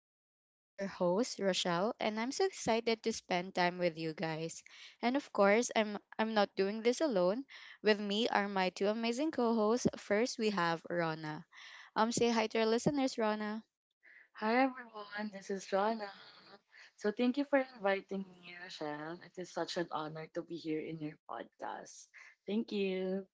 talks. I'm your host Rochelle and I'm so excited to spend time with you guys. And of course, I'm not doing this alone. With me are my two amazing co-hosts. First, we have Rona. Say hi to our listeners, Rona. Hi everyone, this is Rana. So thank you for inviting me, Rochelle. It is such an honor to be here in your podcast. Thank you.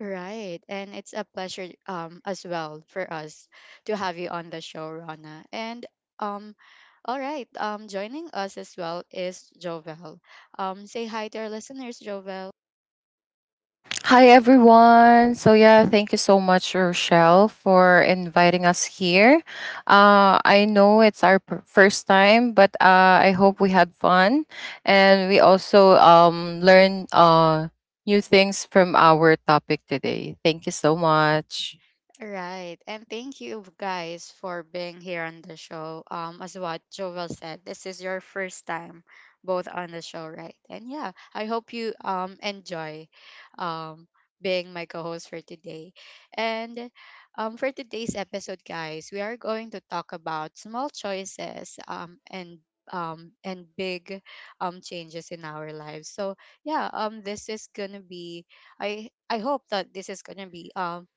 Right. And it's a pleasure as well for us to have you on the show, Rona. Um Joining us as well is Jovel. Say hi to our listeners, Jovel. Hi everyone. So yeah, thank you so much, Rochelle, for inviting us here. I know it's our first time, but I hope we had fun, and we also learned new things from our topic today. Thank you so much. Right. And thank you guys for being here on the show. As what Joel said, this is your first time both on the show, right? And yeah, I hope you enjoy um being my co-host for today. And For today's episode, guys, we are going to talk about small choices and big changes in our lives. So yeah, this is gonna be I hope that this is gonna be um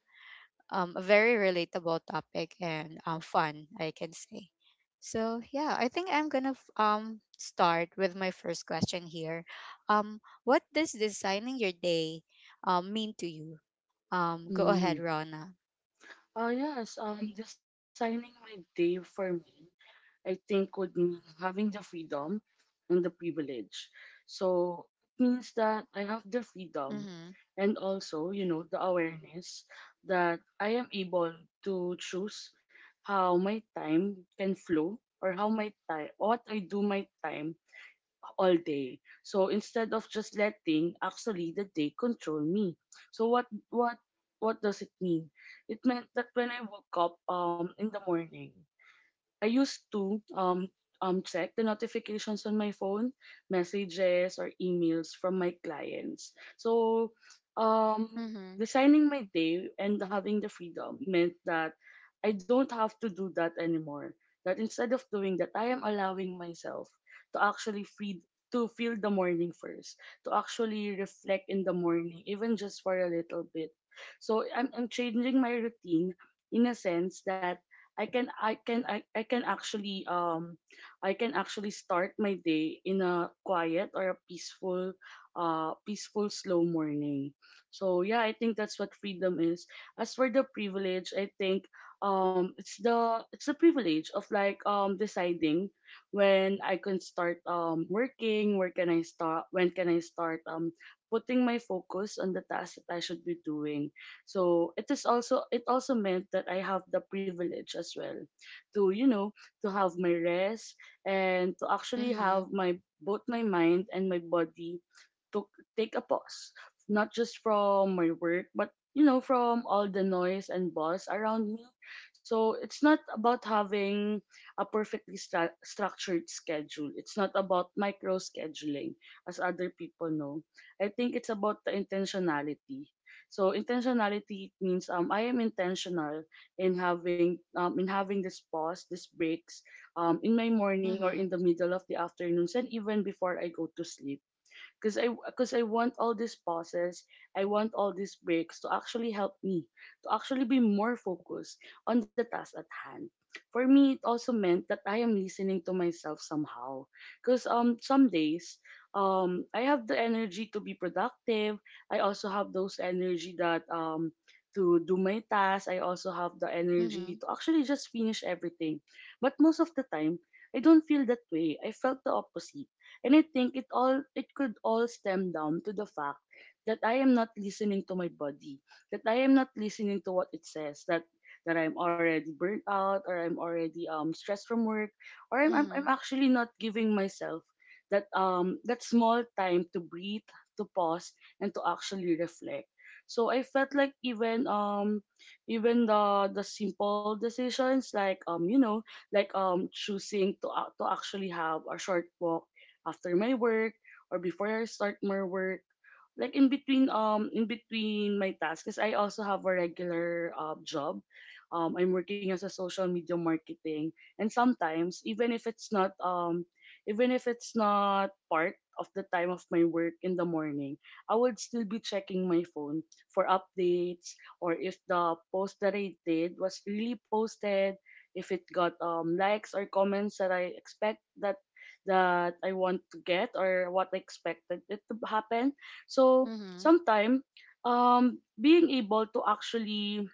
um, a very relatable topic and fun, I can say. So yeah, I think I'm gonna start with my first question here. What does designing your day mean to you? Go ahead, Mm. Rona. Oh yes, designing my day for me. I think would mean having the freedom and the privilege. So it means that I have the freedom Mhm. and also, you know, the awareness that I am able to choose how my time can flow or how my time what I do my time all day. So instead of just letting actually the day control me. So what does it mean? It meant that when I woke up in the morning I used to check the notifications on my phone, messages or emails from my clients. So um Mhm. designing my day and having the freedom meant that I don't have to do that anymore. That instead of doing that, I am allowing myself to actually free to feel the morning first, to actually reflect in the morning, even just for a little bit. So I'm changing my routine in a sense that I can actually I can actually start my day in a quiet or a peaceful peaceful slow morning. So yeah, I think that's what freedom is. As for the privilege, I think it's the privilege of like deciding when I can start working, where can I start when can I start putting my focus on the task that I should be doing. So it is also it also meant that I have the privilege as well to, you know, to have my rest and to actually Mhm. have my both my mind and my body to take a pause, not just from my work, but you know, from all the noise and buzz around me. So it's not about having a structured schedule. It's not about micro scheduling, as other people know. I think it's about the intentionality. So intentionality means I am intentional in having in having this pause, these breaks, in my morning or Mhm. in the middle of the afternoons, and even before I go to sleep because I want all these pauses, I want all these breaks to actually help me to actually be more focused on the task at hand. For me, it also meant that I am listening to myself somehow, because some days I have the energy to be productive. I also have those energy that to do my tasks. I also have the energy Mhm. to actually just finish everything, but most of the time I don't feel that way. I felt the opposite and I think it could all stem down to the fact that I am not listening to my body, that I am not listening to what it says, that I'm already burnt out or I'm already stressed from work or I'm Mhm. actually not giving myself that that small time to breathe, to pause and to actually reflect. So I felt like even the simple decisions like choosing to to actually have a short walk after my work or before I start my work. Like in between my tasks, 'cause I also have a regular job. I'm working as a social media marketing, and sometimes even if it's not part of the time of my work in the morning, I would still be checking my phone for updates or if the post that I did was really posted, if it got likes or comments that I expect that I want to get or what I expected it to happen. So Mhm. sometime being able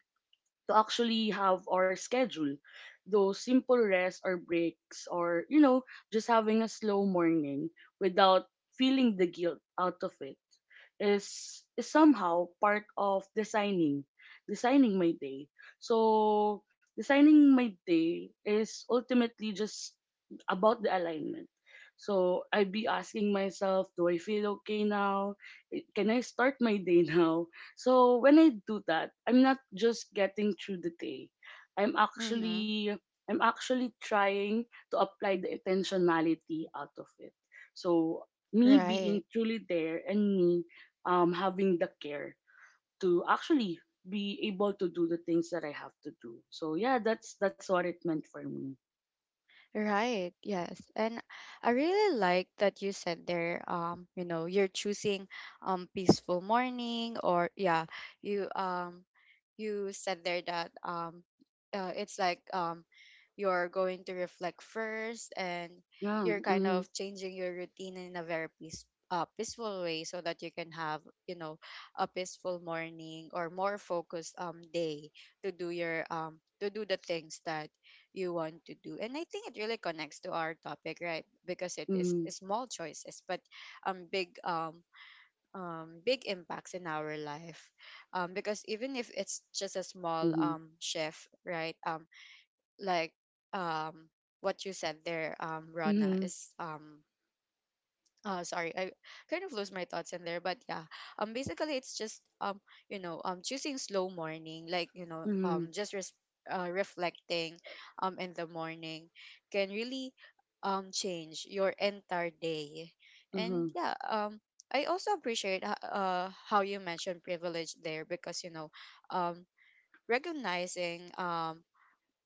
to actually have our schedule. Those simple rests or breaks or, you know, just having a slow morning without feeling the guilt out of it is somehow part of designing my day. So, designing my day is ultimately just about the alignment. So, I'd be asking myself, do I feel okay now? Can I start my day now? So when I do that, I'm not just getting through the day. I'm Mhm. actually I'm actually trying to apply the intentionality out of it. So me Right. being truly there and me having the care to actually be able to do the things that I have to do. So yeah, that's what it meant for me. Right, yes. And I really like that you said there, you know, you're choosing peaceful morning or yeah, you um you said there that it's like you're going to reflect first and Yeah. you're kind Mm-hmm. of changing your routine in a very peaceful way so that you can have, you know, a peaceful morning or more focused day to do your to do the things that you want to do. And I think it really connects to our topic, right? Because it is Mm-hmm. small choices, but um big um big impacts in our life. Because even if it's just a small Mm-hmm. Shift, right? Like um what you said there, Rona, Mm-hmm. is sorry, I kind of lost my thoughts in there, but yeah, basically it's just you know, choosing slow morning, like, you know, Mm-hmm. Reflecting in the morning can really change your entire day. and Mm-hmm. yeah um i also appreciate how you mentioned privilege there, because, you know, um recognizing um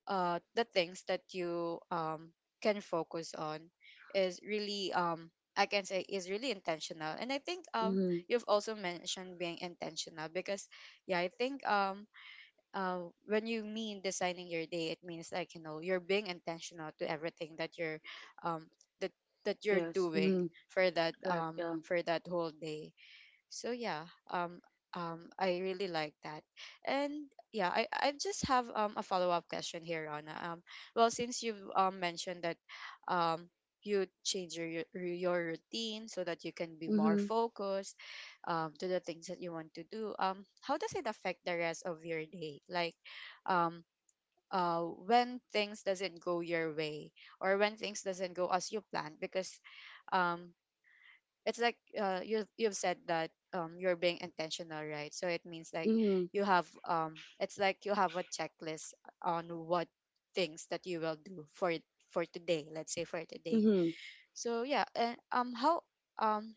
uh, the things that you can focus on is really I can say, is really intentional. And I think Mm-hmm. you've also mentioned being intentional because yeah, I think when you mean designing your day, it means, like, you know, you're being intentional to everything that you're um, that that you're Yes. doing Mm-hmm. Correct. Yeah. for that whole day. So yeah, I really like that. And yeah, I just have a follow-up question here, Rana. Since you've mentioned that um you change your your routine so that you can be more Mm-hmm. focused to the things that you want to do, how does it affect the rest of your day, like, um when things doesn't go your way or when things doesn't go as you planned? Because um it's like, you you've said that, you're being intentional, right? So it means like Mm-hmm. you have it's like you have a checklist on what things that you will do for today. Let's say for today. Mm-hmm. So yeah, and how um,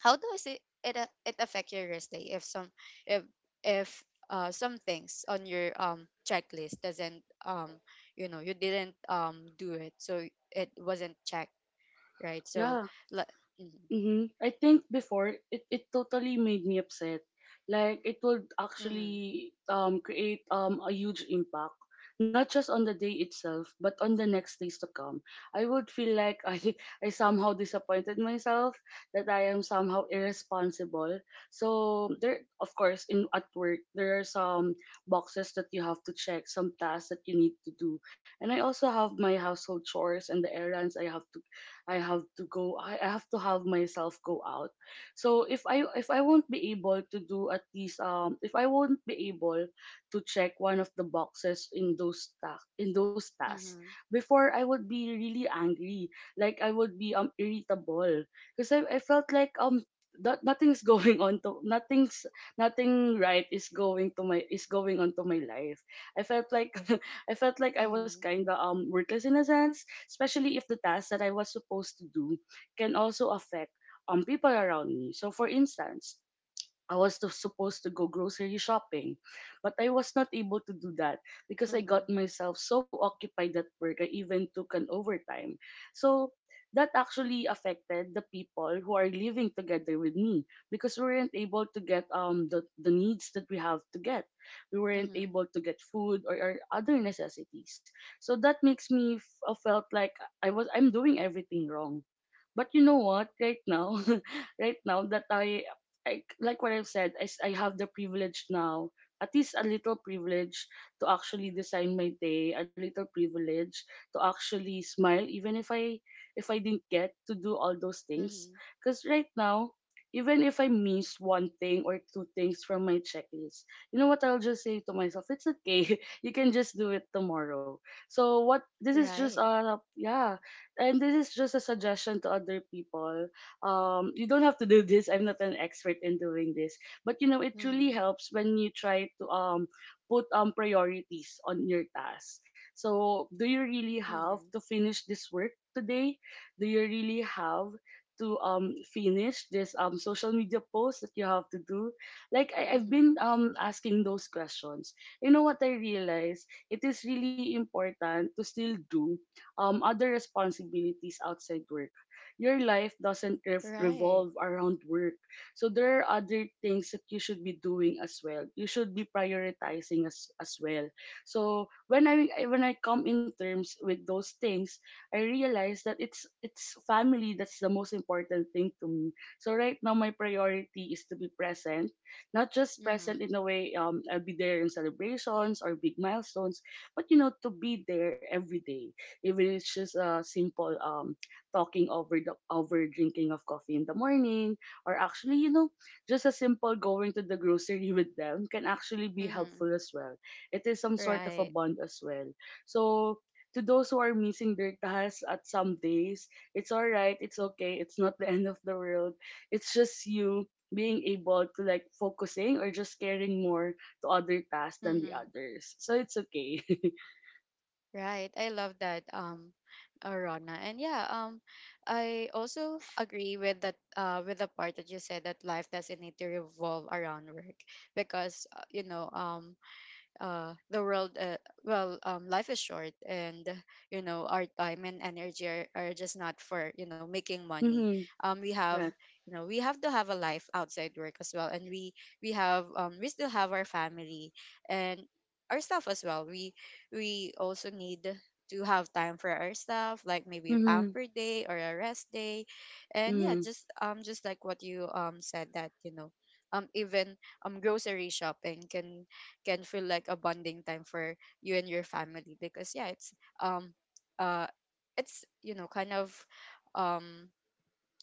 how does it affect your rest day if if some things on your checklist doesn't you know, you didn't do it, so it wasn't checked, right? So Yeah. like mm-hmm, Mm-hmm. I think before it totally made me upset. Like it would mm-hmm, actually create a huge impact, not just on the day itself, but on the next days to come. I would feel like I I somehow disappointed myself, that I am somehow irresponsible. So there, of course, in at work there are some boxes that you have to check, some tasks that you need to do, and I also have my household chores and the errands I have to have myself go out. So if i won't be able to do at least if I won't be able to check one of the boxes in in those tasks mm-hmm. before, I would be really angry. Like I would be irritable because I felt like that nothing's going on to nothing's nothing right is going to my is going on to my life. I felt like I felt like I was Mhm, kind of worthless in a sense, especially if the task that I was supposed to do can also affect people around me. So for instance, I was supposed to go grocery shopping, but I was not able to do that because I mhm, got myself so occupied at work. I even took an overtime. So that actually affected the people who are living together with me because we weren't able to get the needs that we have to get. We weren't mhm, able to get food or other necessities. So that makes me felt like I'm doing everything wrong. But you know what? Right now, right now that like what I've said, I have the privilege now, at least a little privilege to actually design my day, a little privilege to actually smile, even if I didn't get to do all those things. mhm. Because right now, even if I miss one thing or two things from my checklist, you know what, I'll just say to myself, it's okay. You can just do it tomorrow. So what this is just Right. a yeah, and this is just a suggestion to other people. You don't have to do this. I'm not an expert in doing this, but you know, it truly Mhm, helps when you try to put priorities on your tasks. So, do you really have mhm, to finish this work today? Do you really have to finish this social media post that you have to do? Like I've mhm. been asking those questions. You know what I realized? It is really important to still do other responsibilities outside work. Your life doesn't Right. revolve around work. So there are other things that you should be doing as well. You should be prioritizing as well. So when when I come in terms with those things, I realize that it's family that's the most important thing to me. So right now my priority is to be present, not just present Mhm, in a way I'll be there in celebrations or big milestones, but you know, to be there every day, even if it's just a simple talking over the over drinking of coffee in the morning or actually, you know, just a simple going to the grocery with them can actually be mhm, helpful as well. It is some sort of a Right. bond as well. So to those who are missing their tasks at some days, it's all right, it's okay, it's not the end of the world. It's just you being able to like focusing or just caring more to other tasks than the mhm. others, so it's okay. Right. I love that, Rona. And yeah, I also agree with that, with the part that you said that life doesn't need to revolve around work, because, you know, uh, the world, uh, life is short, and you know, our time and energy are just not for, you know, making money. Mm-hmm. We have, Right. you know, we have to have a life outside work as well, and we have we still have our family and our stuff as well. We also need to have time for our stuff, like maybe a Mm-hmm. pamper day or a rest day, and yeah, Mm-hmm. Just like what you said, that you know, even grocery shopping can feel like a bonding time for you and your family, because yeah, um uh it's you know, kind of um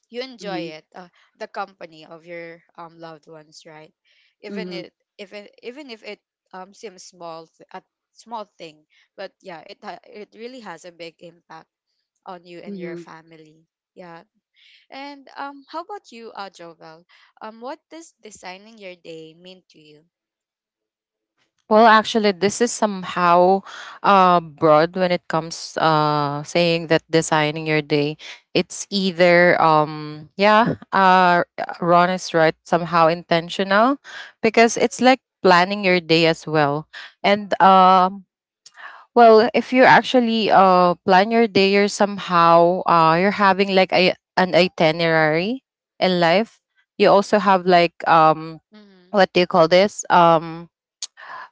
you Mm-hmm. enjoy it, the company of your loved ones, right? Mm-hmm. Even if it seems small, th- a small thing, but yeah, it really has a big impact on you and your Mm-hmm. family. Yeah. And how about you, Jovel? What does designing your day mean to you? Well, actually, this is somehow broad when it comes saying that designing your day. It's either yeah, Ron is right, somehow intentional, because it's like planning your day as well. And well, if you actually plan your day, you're somehow you're having like a an itinerary in life. You also have like Mm-hmm. what do you call this, um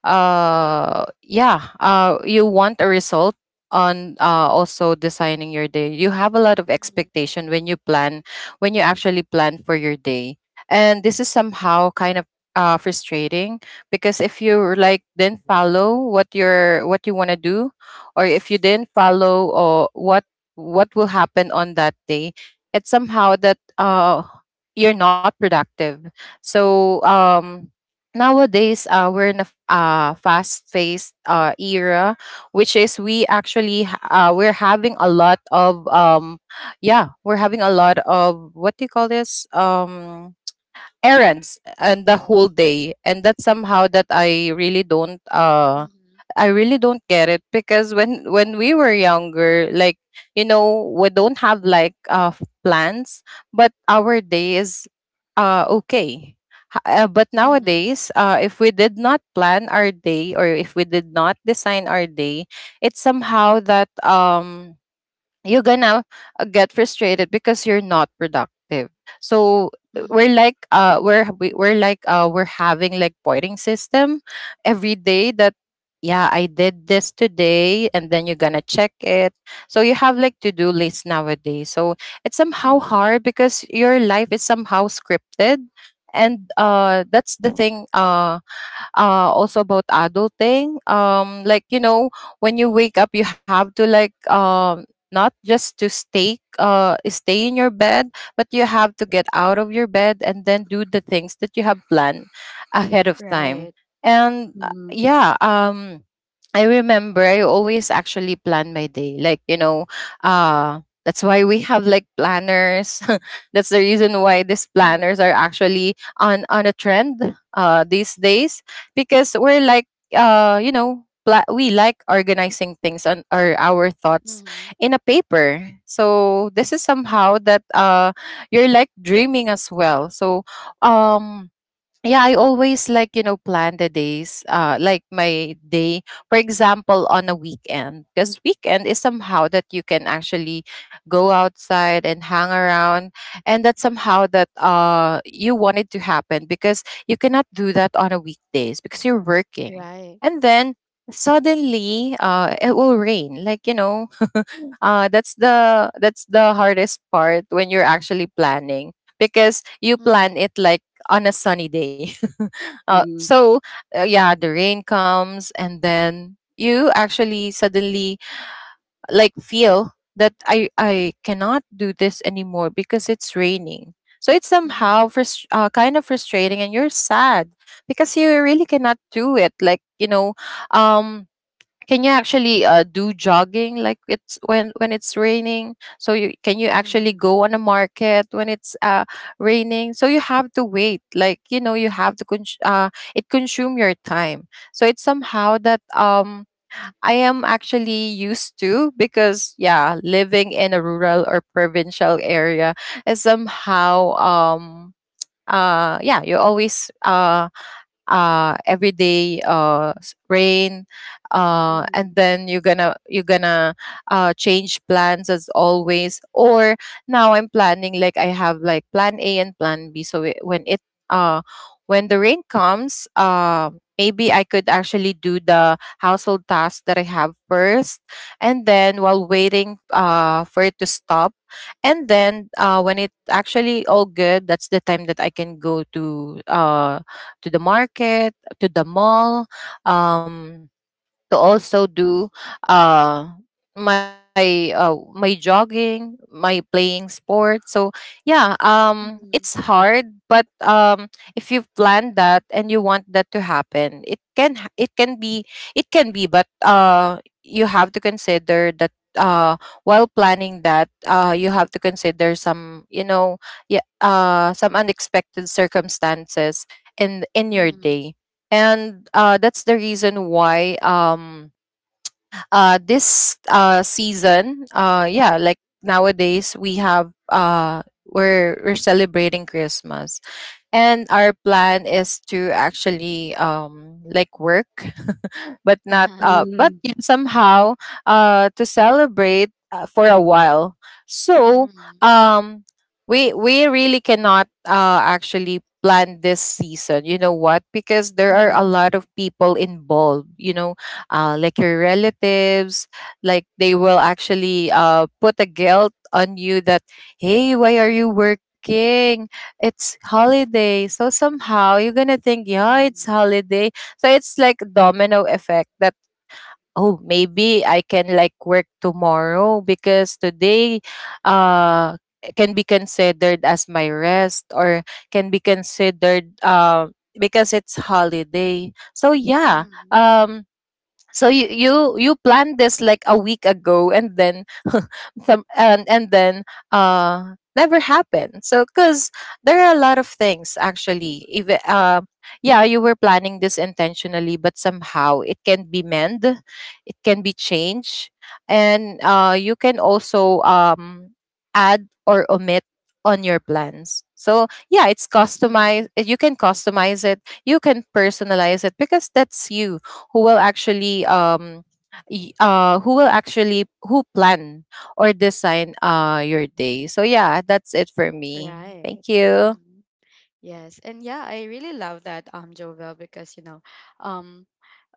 uh yeah you want a result on, also designing your day, you have a lot of Mm-hmm. expectation when you actually plan for your day. And this is somehow kind of frustrating because if you like didn't follow what you want to do, or if you didn't follow or what will happen on that day. It's somehow that you're not productive. So nowadays, we're in a fast-paced era, which is we we're having a lot of what do you call this, errands, and the whole day. And that's somehow that I really don't Mm-hmm. I really don't get it, because when we were younger, like, you know, we don't have like plans, but our day is okay. But Mhm, nowadays, if we did not plan our day, or if we did not design our day, it's somehow that you're gonna get frustrated because you're not productive. So we're mhm, like we're we- we're like we're having like pointing system every day, that yeah, I did this today, and then you're gonna check it. So you have like to-do lists nowadays. So it's somehow mhm. hard because your life is somehow scripted. And that's the thing, also about adulting. Like, you know, when you wake up, you have to like not just to stay in your bed, but you have to get out of your bed and then do the things that you have planned ahead of time. Right. And Mhm. yeah, I remember I always actually plan my day. Like, you know, that's why we have like planners. That's the reason why these planners Mhm, are actually on a trend these days, because we're like you know, we like organizing things and our thoughts mhm. in a paper. So this is somehow that you're like dreaming as well. So um yeah, I always, like, you know, plan the days, like my day, for example, on a weekend, because weekend is somehow that you can actually go outside and hang around, and that's somehow that you want it to happen, because you cannot do that on a weekdays because you're working. Right. And then suddenly it will rain, like, you know. That's the hardest part when you're actually planning, because you plan Mhm, it like on a sunny day. Mhm. So, yeah, the rain comes, and then you actually suddenly like feel that I cannot do this anymore because it's raining. So it's somehow mhm, kind of frustrating, and you're sad because you really cannot do it. Like, you know, um can you actually do jogging like it's when it's raining? So you actually mhm, go on a market when it's raining? So you have to wait, like, you know, you have to it consume your time. So it's somehow that I am actually used to, because yeah, living in a rural or provincial area is somehow yeah, you always everyday rain, and mhm, then you're gonna change plans as always. Or now I'm planning like I have like plan A and plan B, so it uh when the rain comes, maybe I could actually do the household tasks that I have first, and then while waiting for it to stop, and then when it actually all good, that's the time that I can go to the market, to the mall, um, to also do uh my my jogging, my playing sport. So yeah, it's mhm, hard, but if you've planned that, and you want that to happen, it can be, but you have to consider that while planning that, you have to consider some, you know, yeah, some unexpected circumstances in your mhm. day. And that's the reason why this season, yeah, like nowadays, we're celebrating Christmas, and our plan is to actually like work but not Uh-huh. But Mhm. you somehow to celebrate for a while. So Mhm, um we really cannot actually plan this season, you know what, because there are a Mhm. lot mhm, of people involved, you know, like your relatives. Like they will actually put a guilt on you that, hey, why are you working, it's holiday. So somehow you're gonna think, yeah, it's mhm, holiday. So it's like domino effect that, oh, maybe I can like work tomorrow because today uh can be considered as my rest, or can be considered because it's holiday. So yeah. mhm, Um so you planned this like a week ago, and then some and then never happened. So because there are a lot of things, actually, if yeah you were planning this intentionally, but somehow it can be changed, and you can also add or omit on your plans. So yeah, it's customized, mhm. you can customize it, you can personalize it, because that's you who will actually um who will actually, who plan or design your day. So yeah, that's it for me. Right. Thank you. Mhm. Yes. And yeah, I really love that, Jovel, because, you know, um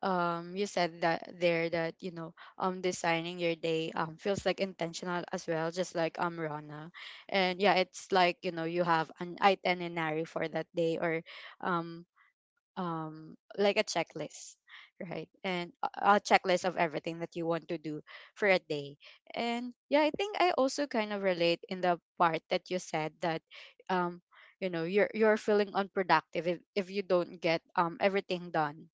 you said that there that, you know, designing your day feels like intentional as well, just like Rana. And yeah, it's like, you know, you have an itinerary for that day, or um like a checklist, right? And a checklist of everything that you want to do for a day. And yeah, I think I also kind of relate in the part that you said that, um you know, you're feeling unproductive if you don't get everything done.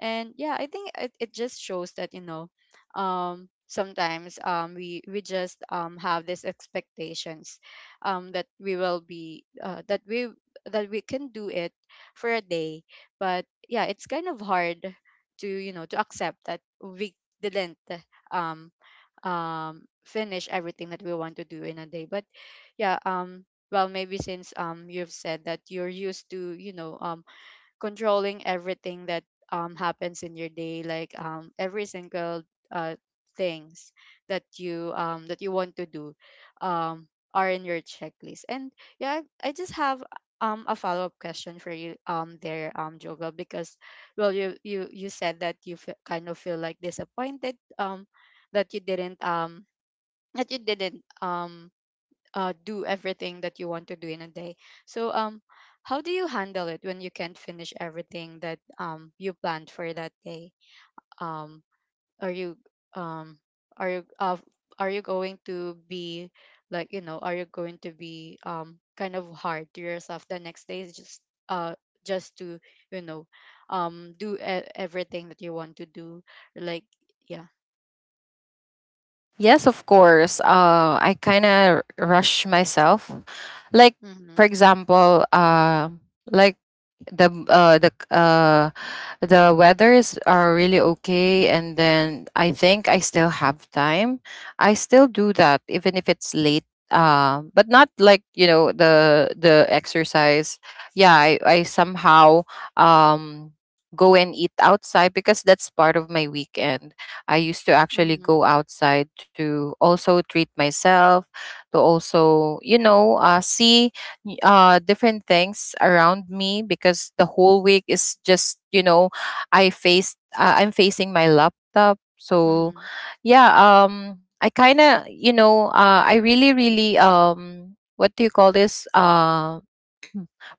And yeah, I think it, it just shows that, you know, sometimes we just have these expectations that we will be that we can do it for a day. But yeah, it's kind of hard to, you know, to accept that we didn't um um finish everything that we want to do in a day. But yeah, well, maybe since you've said that you're used to, you know, controlling everything that happens in your day, like, every single uh, things that you want to do um, are in your checklist. And yeah, I just have a follow up question for you Jovel, because, well, you said that you feel, kind of feel like disappointed that you didn't um, that you didn't do everything that you want to do in a day. So, how do you handle it when you can't finish everything that, you planned for that day? Um, are you um, are you uh, are you going to be, like, you know, are you going to be kind of hard to yourself the next day, uh, just to, you know, do everything that you want to do, like, yeah. Yes, of course. I kind of rush myself. Like, for Mm-hmm. example, like the the weathers are really okay, and then I think I still have time, I still do that even if it's late, but not, like, you know, the exercise. Yeah, I somehow um go and eat outside, because that's part of my weekend. I used to actually Hmm. go outside to also treat myself, to also, you know, see different things around me, because the whole week is just, you know, I'm facing my laptop. So Hmm. yeah, I kind of, you know, I really really what do you call this, uh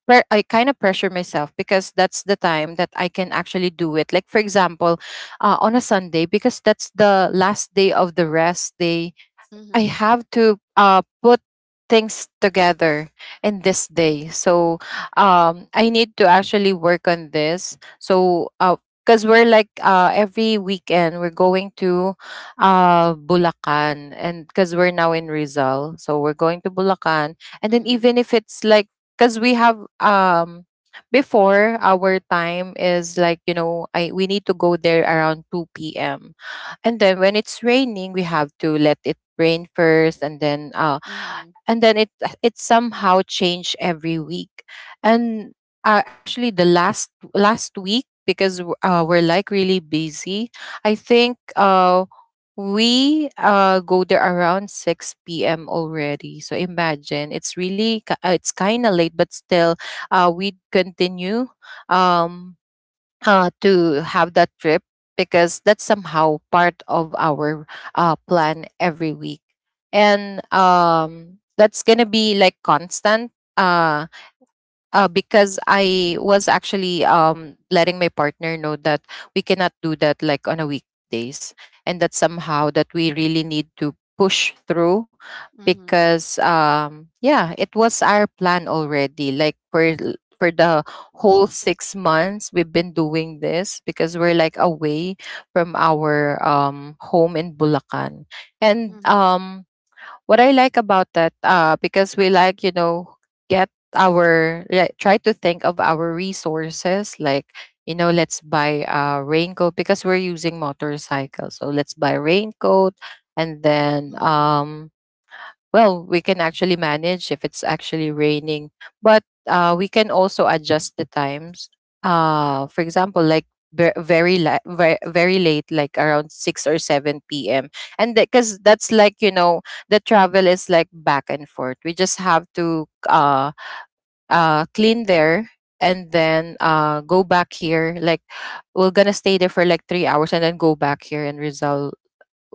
pre- I kind of pressure myself, because that's the time that I can actually do it. Like, for example, on a Sunday, because that's the last day of the rest day. I Hmm. have to put things together in this day. So I need to actually work on this. So because we're like, every weekend we're going to Bulacan, and because we're now in Rizal, so we're going to Bulacan. And then Hmm. even if it's like, because we have before, our time is like, you know, I we need to go there around 2 p.m., and then when it's raining we have to let it rain first, and then and then it it somehow change every week. And actually the last last week, because we're like really busy, I think, we go there around 6 p.m already. So imagine it's really it's kind of late, but still we continue, um to have that trip, because that's somehow part of our plan every week. And that's gonna be like constant, because I was actually letting my partner know that we cannot do that like on a weekdays, and that somehow that we really need to push through, Hmm. because yeah, it was our plan already. Like for for the whole 6 months we've been doing this, because we're like away from our home in Bulacan, and Hmm. What I like about that, because we like, you know, get our, like, try to think of our resources. Like, you know, let's buy a raincoat because we're using motorcycle, so let's buy a raincoat. And then Mhm, well, we can actually manage if it's actually raining, but we can also adjust the times. For example, like very very late, like around 6 or 7 p.m. And because that's like, you know, the travel is like back and forth. We just have to clean there and then go back here. Like, we're gonna stay there for like 3 hours and then go back here and result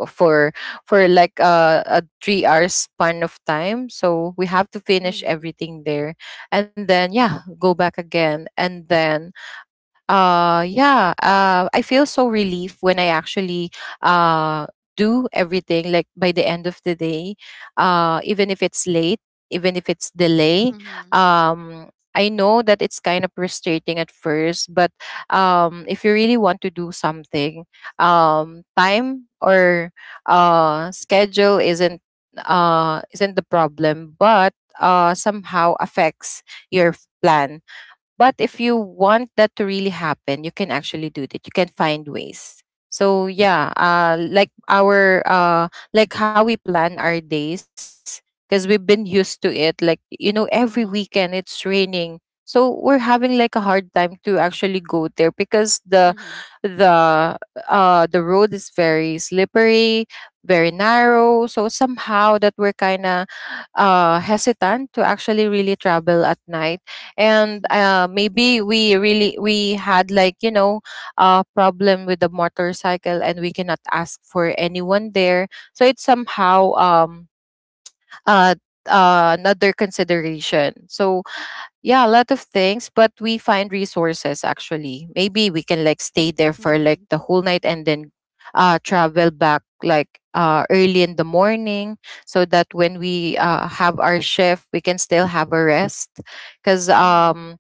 for for like a 3 hours span of time, so we have to finish mhm, everything there and then yeah, go back again. And then yeah I feel so relief when I actually uh do everything, like by the end of the day. Even if it's late, even if it's delay, mhm, I know that it's kind of frustrating at first, but if you really want to do something, time or schedule isn't, isn't the problem, but somehow affects your plan. But if you want that to really happen, you can actually do that. You can find ways. So yeah, like our, like how we plan our days, because we've been used to it. Like, every weekend mhm, it's raining, so we're having like a hard time to actually go there because mhm, the the road is very slippery, very narrow. So somehow that we're kind of hesitant to actually really travel at night. And mhm, maybe we had like, a problem with the motorcycle, and we cannot ask for anyone there. So it's somehow uh, another consideration. So yeah, a lot of things, but we find resources. Actually, maybe we can like stay there for like mhm, the whole night, and then travel back like early in the morning, so that when we have our shift, we can still have a rest. Because mhm,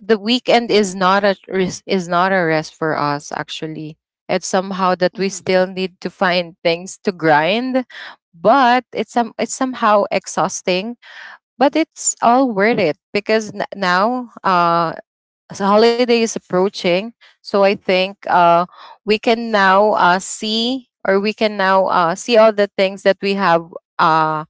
the weekend is not a is not a rest for us, actually. It's somehow that we mhm. still need to find things to grind, but it's somehow exhausting. But it's all worth it because now, as the holiday is approaching. So I think we can now see, or we can now see all the things that we have. uh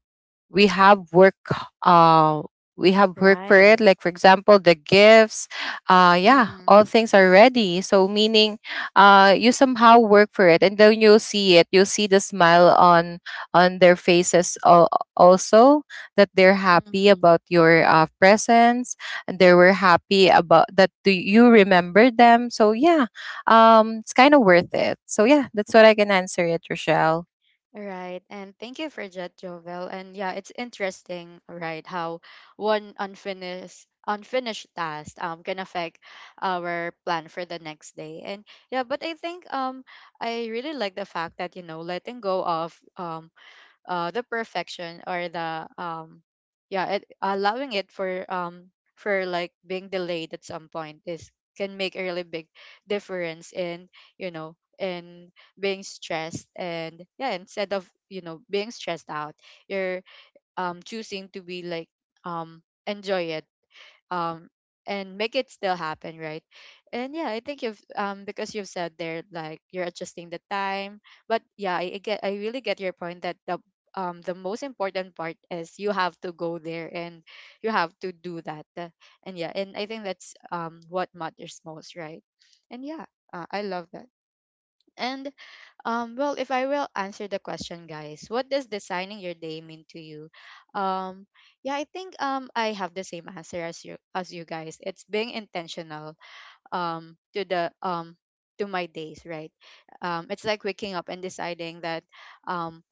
we have work, uh we have work for it, Right. like for example the gifts. Yeah, all Mhm, things are ready. So meaning you somehow work for it, and then you'll see it, you'll see the smile on their faces, also, that they're happy mhm. about your presence, and they were happy about that. Do you remember them? So yeah, it's kind of worth it. So yeah, that's what I can answer it, Rochelle. Right. And thank you for that, Jovel. And yeah, it's interesting, right, how one unfinished task can affect our plan for the next day. And yeah, but I think I really like the fact that, you know, letting go of the perfection or the yeah, it, allowing it for like being delayed at some point is can make a really big difference in, you know, in being stressed. And yeah, instead of, you know, being stressed out, you're choosing to be like enjoy it um and make it still happen, right? And yeah, I think you've because you've said there, like, you're adjusting the time, but yeah, I get, I really get your point that the most important part is you have to go there and you have to do that. And yeah, and I think that's what matters most, right? And yeah, I love that. And well, if I will answer the question, guys, what does designing your day mean to you? Um, yeah, I think I have the same answer as you guys. It's being intentional um, to the um, to my days, right? It's like waking up and deciding that um,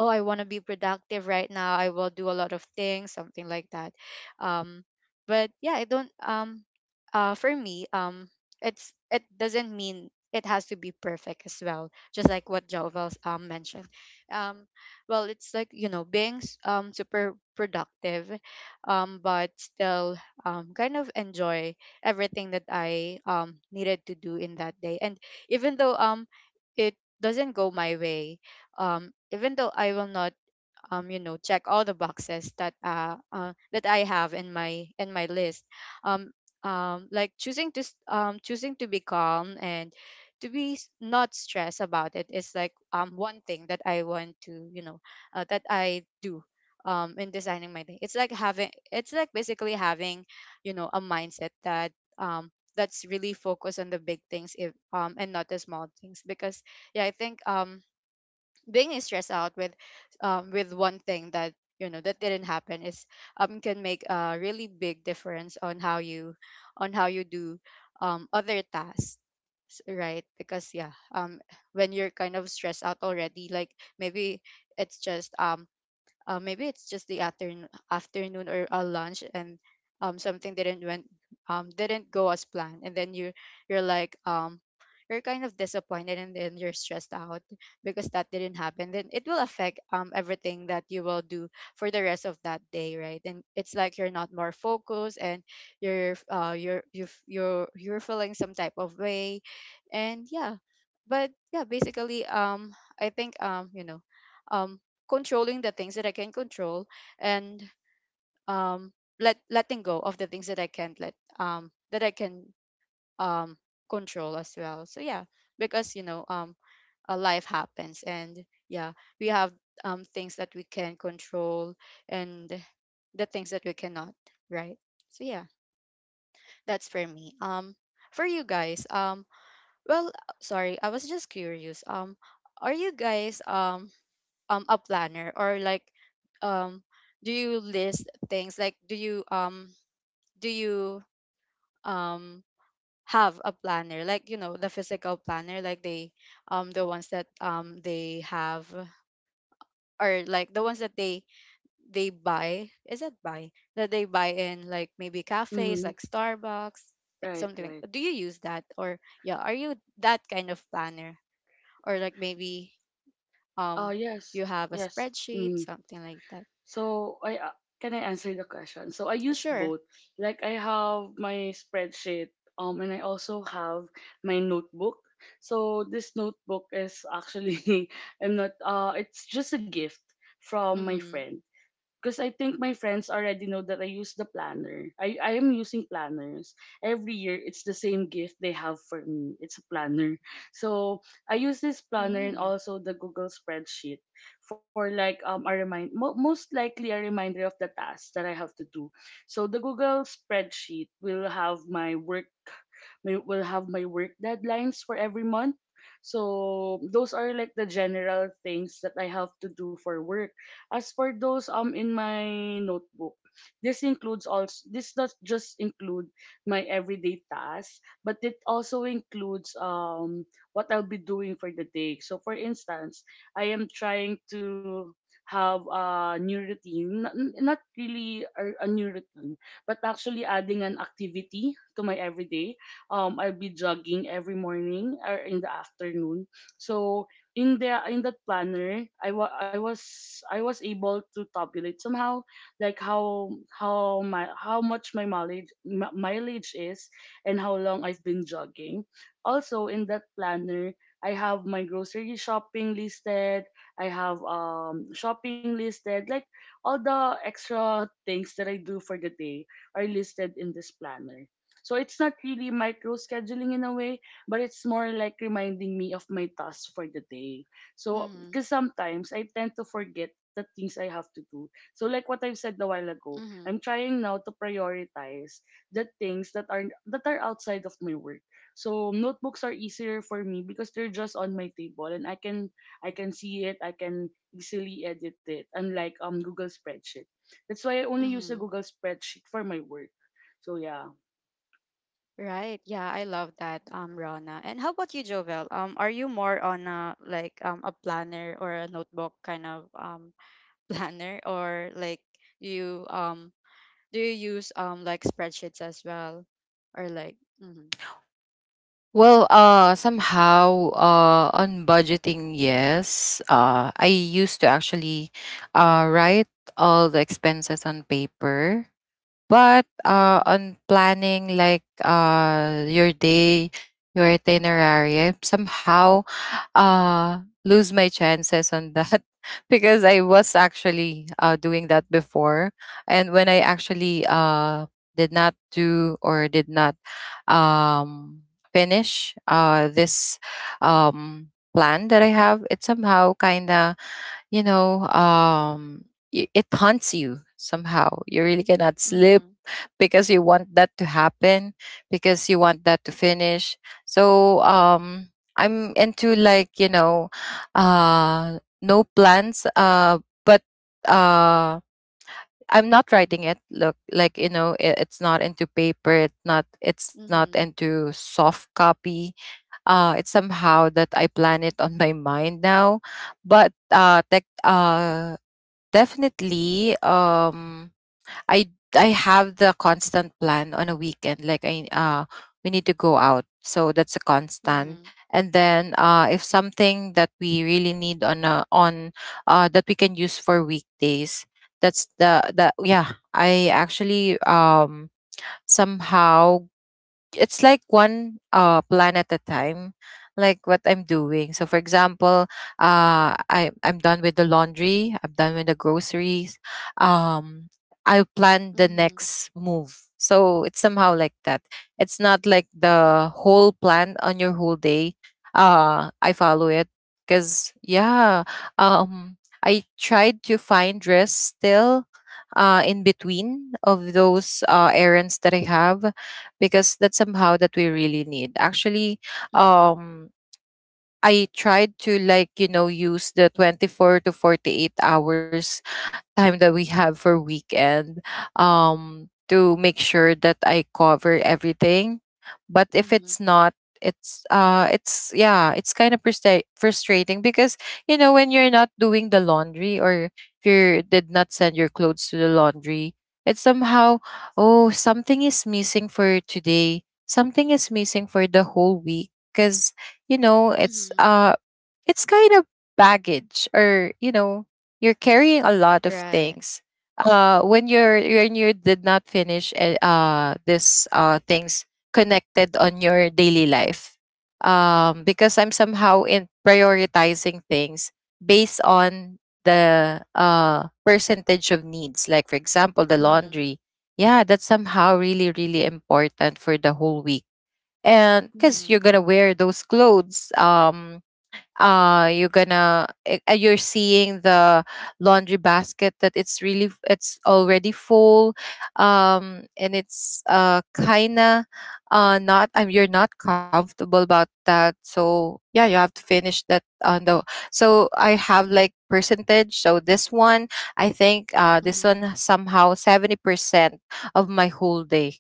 oh, I want to be productive right now. I will do a lot of things, something like that um but yeah, I don't for me, it's, it doesn't mean it has to be perfect as well, just like what Jovel mentioned. um well, it's like, you know, being super productive, but still kind of enjoy everything that I needed to do in that day. And even though it doesn't go my way, even though I will not, check all the boxes that that I have in my list. um, like choosing to choosing to be calm and to be not stressed about it is like, one thing that I want to, that I do in designing my day. It's like basically having, you know, a mindset that um, that's really focused on the big things if, and not the small things. Because yeah, I think being stressed out with, with one thing that, you know, that didn't happen is can make a really big difference on how you do other tasks. Right, because when you're kind of stressed out already, like, maybe it's just um maybe it's just the afternoon or a lunch and something didn't went, didn't go as planned, and then you, you're like, you're kind of disappointed and then you're stressed out because that didn't happen. Then it will affect, everything that you will do for the rest of that day, right? And it's like you're not more focused, and you're, you're, you you're feeling some type of way. And yeah, but yeah, basically, I think, um controlling the things that I can control, and um letting go of the things that I can't let that I can um control as well. So yeah, because you know, a life happens, and yeah, we have things that we can control and the things that we cannot, right? So yeah, that's for me. For you guys, well, sorry, I was just curious. Are you guys a planner or like um do you list things? Like, do you do you um have a planner, like, you know, the physical planner, like they, the ones that they have, or like the ones that they buy is that buy that they buy in, like, maybe cafes Mhm. like Starbucks, like, Right, something like right. that. Do you use that, or yeah, are you that kind of planner, or like maybe um you Yes, have a yes. spreadsheet, Mm. something like that? So I, can I answer the question? So I use Sure. both. Like I have my spreadsheet, and I also have my notebook. So this notebook is actually I'm not it's just a gift from my Mhm. friend, because I think my friends already know that I use the planner. I am using planners. Every year, it's the same gift they have for me. It's a planner. So I use this planner and Mm. also the Google spreadsheet for like a most likely a reminder of the tasks that I have to do. So the Google spreadsheet will have my work will have my work deadlines for every month. So those are like the general things that I have to do for work. As for those in my notebook, this does just include my everyday tasks, but it also includes what I'll be doing for the day. So for instance, I am trying to have a new routine. Not really a new routine, but actually adding an activity to my everyday. I'll be jogging every morning or in the afternoon. So in there in that planner, I was able to tabulate somehow like how my how much my mileage is and how long I've been jogging. Also in that planner, I have my grocery shopping listed. I have shopping listed, like all the extra things that I do for the day are listed in this planner. So it's not really micro scheduling in a way, but it's more like reminding me of my task for the day. So, Mhm. because sometimes I tend to forget the things I have to do. So, like what I've said a while ago, Mhm. I'm trying now to prioritize the things that are outside of my work. So, notebooks are easier for me because they're just on my table and I can see it, I can easily edit it, unlike Google spreadsheet. That's why I only use a Mhm. Google spreadsheet for my work. So yeah. Right. Yeah, I love that, Rana. And how about you, Jovel? Are you more on a like a planner or a notebook kind of planner? Or like, you do you use like spreadsheets as well, or like, mhm. Well, somehow, on budgeting, yes. I used to actually, write all the expenses on paper, but Mhm. on planning like your day, your itinerary, I somehow lose my chances on that because I was actually doing that before. And when I actually did not do or did not um, finish this plan that I have, it somehow kind of, you know, it haunts you somehow. You really cannot sleep Mhm. because you want that to happen, because you want that to finish. So I'm into like, no plans, but uh I'm not writing it, look like, it's not into paper, it's not Mhm. into soft copy. It's somehow that I plan it on my mind now. But tech, definitely, I I have the constant plan on a weekend. Like I, we need to go out. So that's a constant. Mhm. And then if something that we really need on a on that we can use for weekdays, that's the yeah. I actually somehow, it's like one plan at a time, like what I'm doing. So for example, I'm done with the laundry, I'm done with the groceries. um I plan the Mhm. next move, so it's somehow like that. It's not like the whole plan on your whole day. I follow it, because yeah, I tried to find rest still, in between of those errands that I have, because that's somehow that we really need. Actually, Mhm. um, I tried to like, use the 24 to 48 hours time that we have for weekend, to make sure that I cover everything. But if Mhm. it's not, it's yeah, it's kind of frustrating, because you know when you're not doing the laundry, or if you did not send your clothes to the laundry, it's somehow, oh, something is missing for today. Something is missing for the whole week, because you know, it's Mhm. Kind of baggage, or you know, you're carrying a lot of Right. things when you did not finish this things connected on your daily life. Because I'm somehow in prioritizing things based on the percentage of needs, like for example the Mhm. laundry, yeah, that's somehow really really important for the whole week. And because you're Mhm. gonna wear those clothes, you're gonna eh, eh, you're seeing the laundry basket that it's really it's already full, and it's kinda not, you're not comfortable about that, so yeah, you have to finish that on the, so I have like percentage. So this one, I think this one Mhm. somehow 70% of my whole day.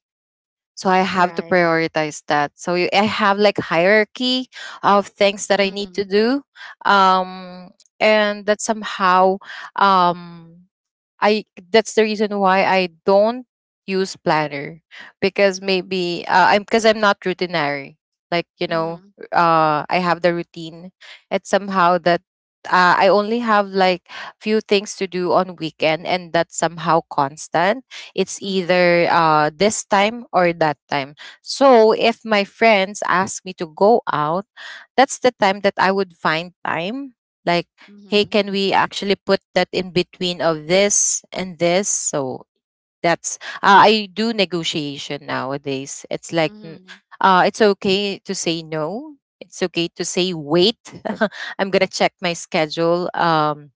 So I have to Right. prioritize that. So I have like hierarchy of things that I need to Mm-hmm. do, um, and that somehow, um, I that's the reason why I don't use planner, because maybe I'm because I'm not routinary. Like, Mm-hmm. I have the routine. It's somehow that I only have like few things to do on weekend, and that's somehow constant. It's Mm-hmm. either this time or that time. So if my friends ask me to go out, that's the time that I would find time. Like, hey, Mm-hmm. can we actually put that in between of this and this? So that's I do negotiation nowadays. It's like Mm-hmm. It's okay to say no. It's okay to say wait. I'm gonna check my schedule.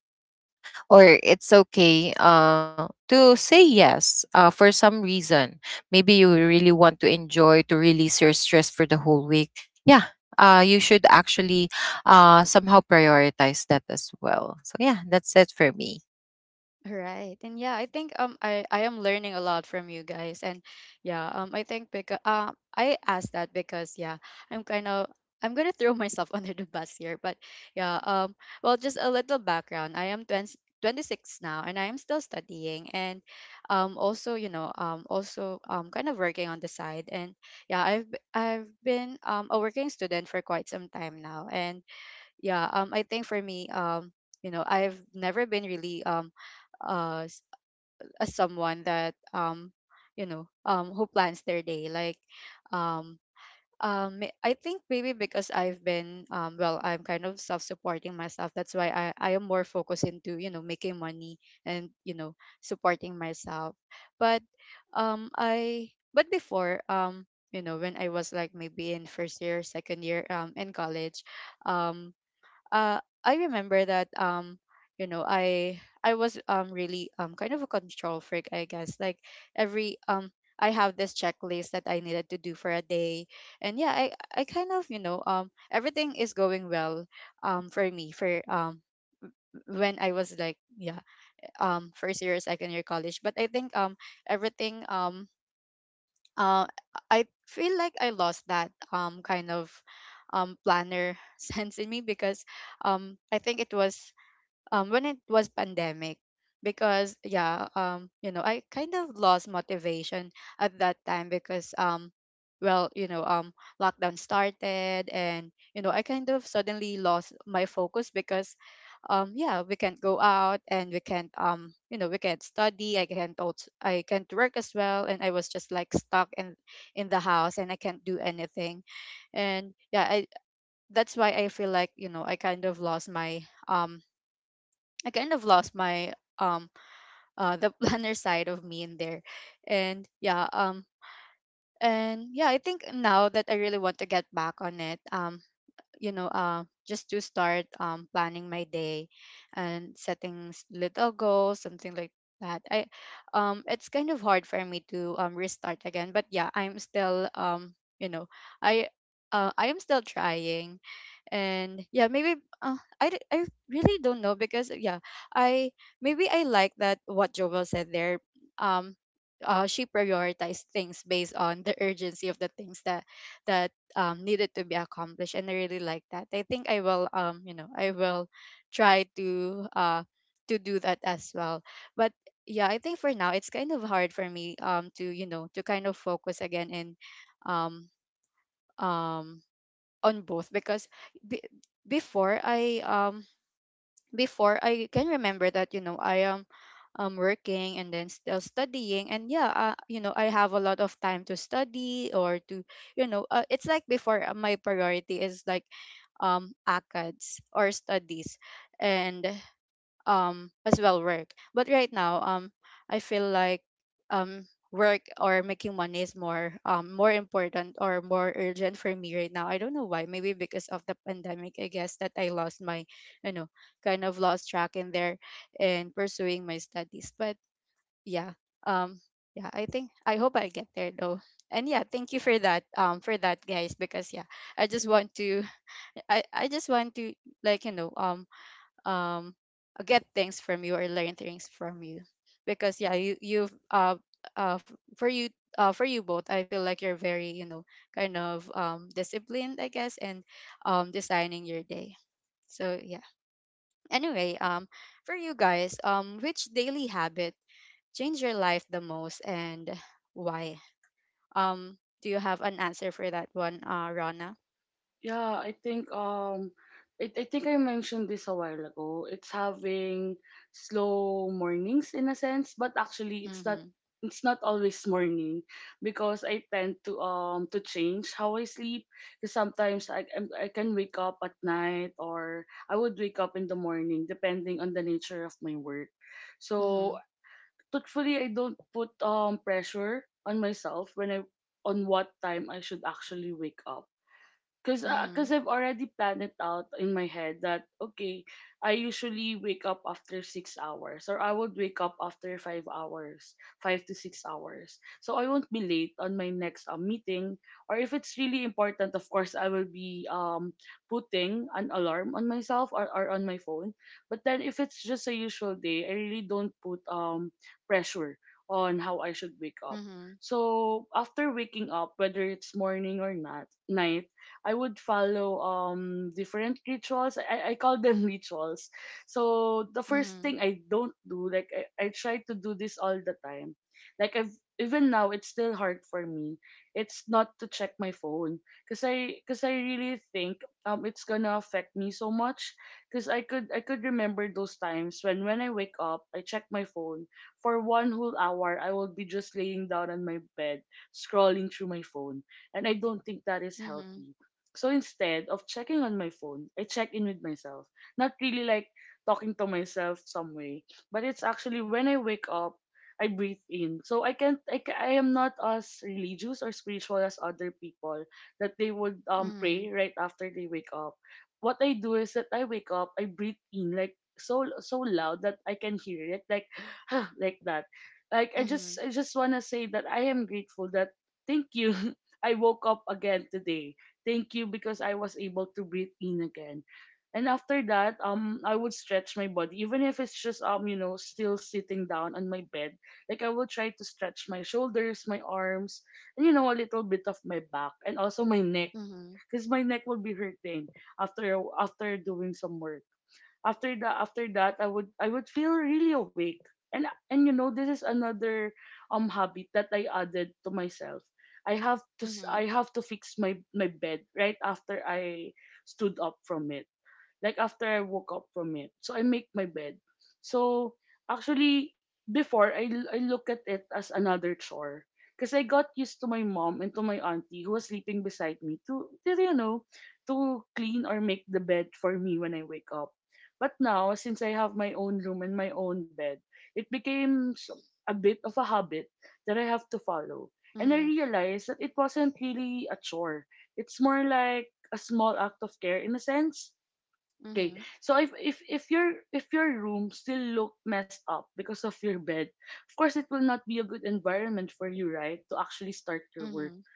Or it's okay to say yes for some reason. Maybe you really want to enjoy to release your stress for the whole week. Yeah, you should actually somehow prioritize that as well. So yeah, that's it for me. Right. And yeah, I think I am learning a lot from you guys. And yeah, I think because, I asked that because, yeah, I'm kind of, I'm going to throw myself under the bus here. But yeah, well, just a little background. I am 20 26 now, and I am still studying and also, you know, also kind of working on the side. And I've been a working student for quite some time now. And yeah I think for me, you know, I've never been really, uh s- a someone that, who plans their day, like, um I think maybe because I've been well, I'm kind of self-supporting myself, that's why I am more focused into, you know, making money and, you know, supporting myself. But I but before, you know, when I was like, maybe in first year, second year, in college, um I remember that, you know I I was really kind of a control freak, I guess. Like, every I have this checklist that I needed to do for a day. And yeah, I kind of, you know, everything is going well for me for when I was like, yeah, first year, second year college. But I think everything uh I feel like I lost that kind of planner sense in me, because I think it was, when it was pandemic. Because you know, I kind of lost motivation at that time because, well, you know, lockdown started, and you know, I kind of suddenly lost my focus because, yeah, we can't go out, and we can't, you know, we can't study. I can't also, I can't work as well, and I was just like stuck in the house, and I can't do anything. And yeah I that's why I feel like, you know, I kind of lost my I kind of lost my um the planner side of me in there. And yeah, um and yeah, I think now that I really want to get back on it, you know, just to start, planning my day and setting little goals, something like that. I It's kind of hard for me to, restart again, but yeah, I'm still, you know i I am still trying. And yeah, maybe, I, I really don't know, because yeah I maybe I like that what Jovel said there. um she prioritized things based on the urgency of the things that that, needed to be accomplished. And I really like that. I think I will, I will try to, to do that as well. But yeah, I think for now it's kind of hard for me to, you know, to kind of focus again in um um on both. Because be- before i um before, I can remember that, you know, I am working and then still studying. And yeah, you know, I have a lot of time to study or to, you know, it's like before, my priority is like, acads or studies, and as well work. But right now I feel like um work or making money is more, more important or more urgent for me right now. I don't know why. Maybe because of the pandemic, I guess, that I lost my, you know, kind of lost track in there and pursuing my studies. But yeah, um yeah, I think I hope I get there though. And yeah, thank you for that, for that, guys. Because i just want to I just want to, like, you know, um get things from you or learn things from you. Because yeah, you you've uh for you, for you both, I feel like you're very, you know, kind of disciplined, I guess, and designing your day. So yeah, anyway, for you guys, which daily habit changed your life the most, and why? um do you have an answer for that one, uh, Rana? Yeah, I think I think I mentioned this a while ago. It's having slow mornings in a sense, but actually Mhm. it's not always morning because I tend to change how I sleep. 'Cause sometimes I can wake up at night, or I would wake up in the morning depending on the nature of my work. So Mhm. truthfully, I don't put pressure on myself when I on what time I should actually wake up. Cause Mhm. I've already planned it out in my head that okay, I usually wake up after 6 hours, or I would wake up after 5 hours, 5 to 6 hours. So I won't be late on my next meeting, or if it's really important, of course, I will be putting an alarm on myself or on my phone. But then if it's just a usual day, I really don't put pressure on how I should wake up. Mhm. So after waking up, whether it's morning or not night, I would follow different rituals. I call them rituals. So the first Mhm. thing I don't do, I try to do this all the time. Like I've, even now it's still hard for me. It's not to check my phone. Cause I really think it's gonna affect me so much. Cause I could remember those times when I wake up, I check my phone. For one whole hour I will be just laying down on my bed, scrolling through my phone, and I don't think that is Mhm. healthy. So instead of checking on my phone, I check in with myself. Not really like talking to myself some way, but it's actually when I wake up, I breathe in. So I can't, I am not as religious or spiritual as other people that they would pray Mhm. right after they wake up. What I do is that I wake up, I breathe in like so so loud that I can hear it, like like that. Like Mhm. I just wanna say that I am grateful that thank you. I woke up again today. Thank you because I was able to breathe in again. And after that, I would stretch my body, even if it's just you know, still sitting down on my bed. Like I would try to stretch my shoulders, my arms, and you know, a little bit of my back and also my neck, Mhm, because my neck will be hurting after doing some work. After the after that I would feel really awake. And you know, this is another habit that I added to myself. I mhm, have to fix my bed right after I stood up from it, like after I woke up from it. So I make my bed. So actually before I look at it as another chore because I got used to my mom and to my auntie who was sleeping beside me to you know, to clean or make the bed for me when I wake up. But now since I have my own room and my own bed, it became a bit of a habit that I have to follow. And I mhm, realized that it wasn't really a chore. It's more like a small act of care in a sense. Okay. mhm, So if your room still look messed up because of your bed, of course it will not be a good environment for you, right? To actually start your work. mhm,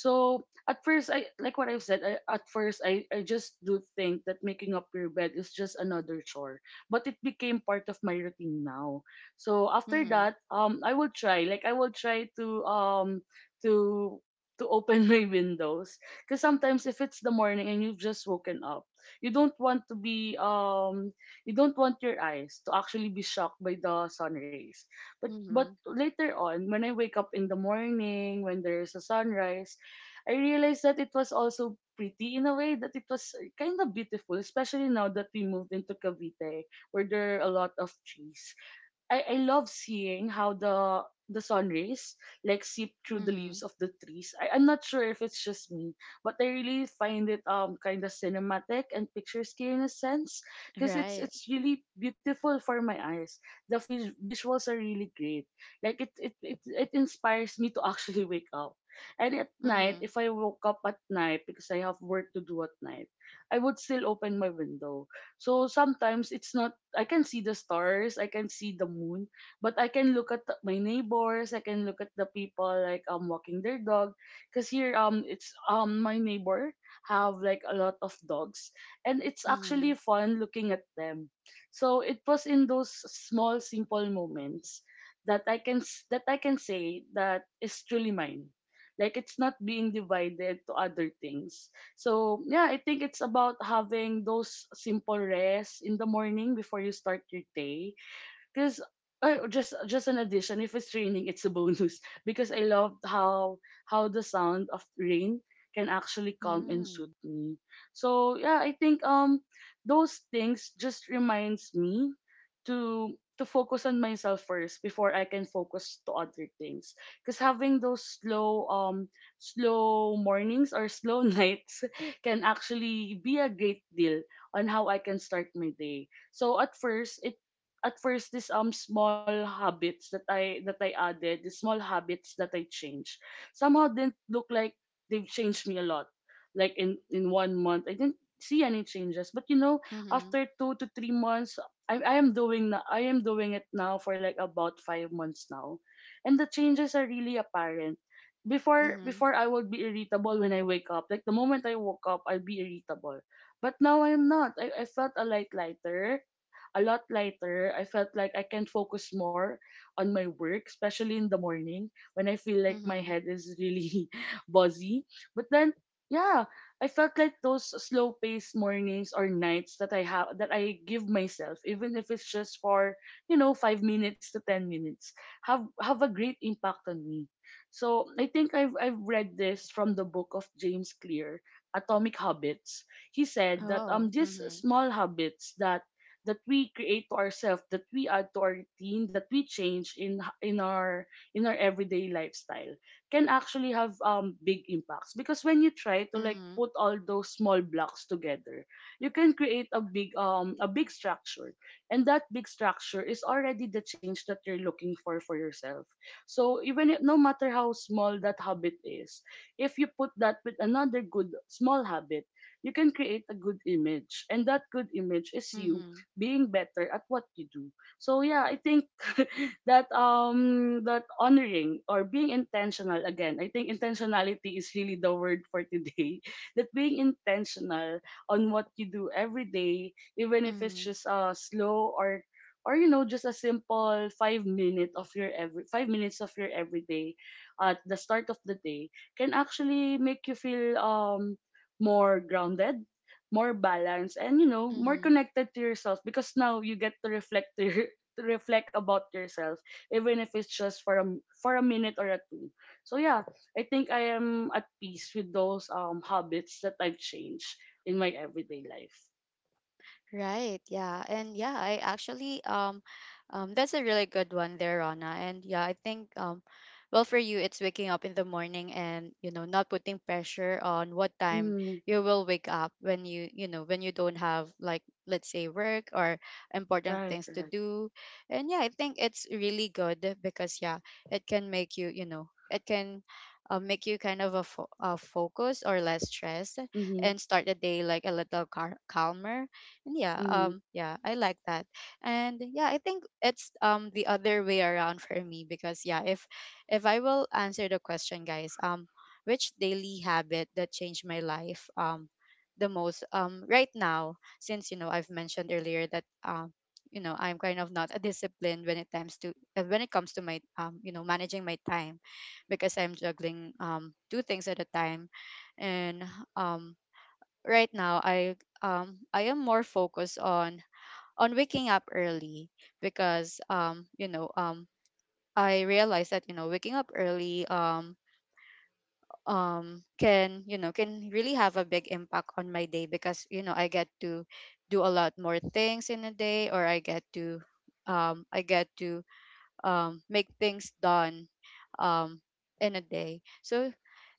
So at first, I, like what I've said. I just do think that making up your bed is just another chore, but it became part of my routine now. So after that, mhm, I would try. Like I would try to to to open my windows because sometimes if it's the morning and you've just woken up, you don't want to be you don't want your eyes to actually be shocked by the sun rays. But mhm, later on when I wake up in the morning when there's a sunrise, I realized that it was also pretty in a way, that it was kind of beautiful, especially now that we moved into Cavite, where there are a lot of trees. I love seeing how the sun rays like seep through the leaves mhm. of the trees. I'm not sure if it's just me, but I really find it kind of cinematic and picturesque in a sense because Right. it's really beautiful for my eyes. The visuals are really great. Like it inspires me to actually wake up. And at night, Mhm, if I woke up at night because I have work to do at night, I would still open my window. So sometimes it's not I can see the stars, I can see the moon, but I can look at the my neighbors, I can look at the people like walking their dog because here it's my neighbor have like a lot of dogs and it's actually mhm, fun looking at them. So it was in those small simple moments that that I can say that is truly mine. Like it's not being divided to other things. So yeah, I think it's about having those simple rest in the morning before you start your day. Because just an addition, if it's raining, it's a bonus. Because I loved how the sound of rain can actually calm and soothe mhm, me. So yeah, I think those things just reminds me to to focus on myself first before I can focus to other things. Because having those slow mornings or slow nights can actually be a great deal on how I can start my day. So at first these small habits that I added, the small habits that I changed, somehow didn't look like they've changed me a lot. Like in 1 month, I didn't see any changes. But you know, mhm, after 2 to 3 months, I am doing it now for like about 5 months now, and the changes are really apparent. Mhm, Before I would be irritable when I wake up. Like the moment I woke up, I'd be irritable. But now I'm not. I felt a lighter, a lot lighter. I felt like I can focus more on my work, especially in the morning when I feel like my mhm. head is really buzzy. But then, yeah, I felt like those slow paced mornings or nights that I have that I give myself, even if it's just for, you know, 5 minutes to 10 minutes, have a great impact on me. So I think I've read this from the book of James Clear, Atomic Habits. He said that Oh, these mhm, small habits that we create to ourselves, that we add to our routine, that we change in in our everyday lifestyle can actually have big impacts because when you try to like mhm, put all those small blocks together, you can create a big structure. And that big structure is already the change that you're looking for yourself. So even if, no matter how small that habit is, if you put that with another good small habit, you can create a good image. And that good image is you mhm, being better at what you do. So yeah, I think that that honoring or being intentional again, I think intentionality is really the word for today. That being intentional on what you do every day, even if it's mhm, just slow or you know just a simple five minute of your every 5 minutes of your everyday at the start of the day can actually make you feel more grounded, more balanced, and you know, more mhm. connected to yourself because now you get to reflect to, your- to reflect about yourself, even if it's just for for a minute or a two. So yeah, I think I am at peace with those habits that I've changed in my everyday life. Right. Yeah. And yeah, I actually that's a really good one there, Rana. And yeah, I think well, for you it's waking up in the morning and, you know, not putting pressure on what time Mm, you will wake up when you know, when you don't have like, let's say, work or important right, things to right. do. And yeah, I think it's really good, because yeah, it can make you, you know, it can, make you kind of a, a focus or less stressed Mm-hmm, and start the day like a little calmer. And mm-hmm, yeah, I like that. And yeah, I think it's the other way around for me. Because yeah, if I will answer the question, guys, which daily habit that changed my life, the most, right now. Since, you know, I've mentioned earlier that, you know, I'm kind of not a discipline when it comes to, when it comes to my, you know, managing my time, because I'm juggling two things at a time. And um right now, I am more focused on waking up early. Because I realize that, you know, waking up early can, you know, can really have a big impact on my day, because, you know, I get to do a lot more things in a day or I get to um I get to make things done um in a day. So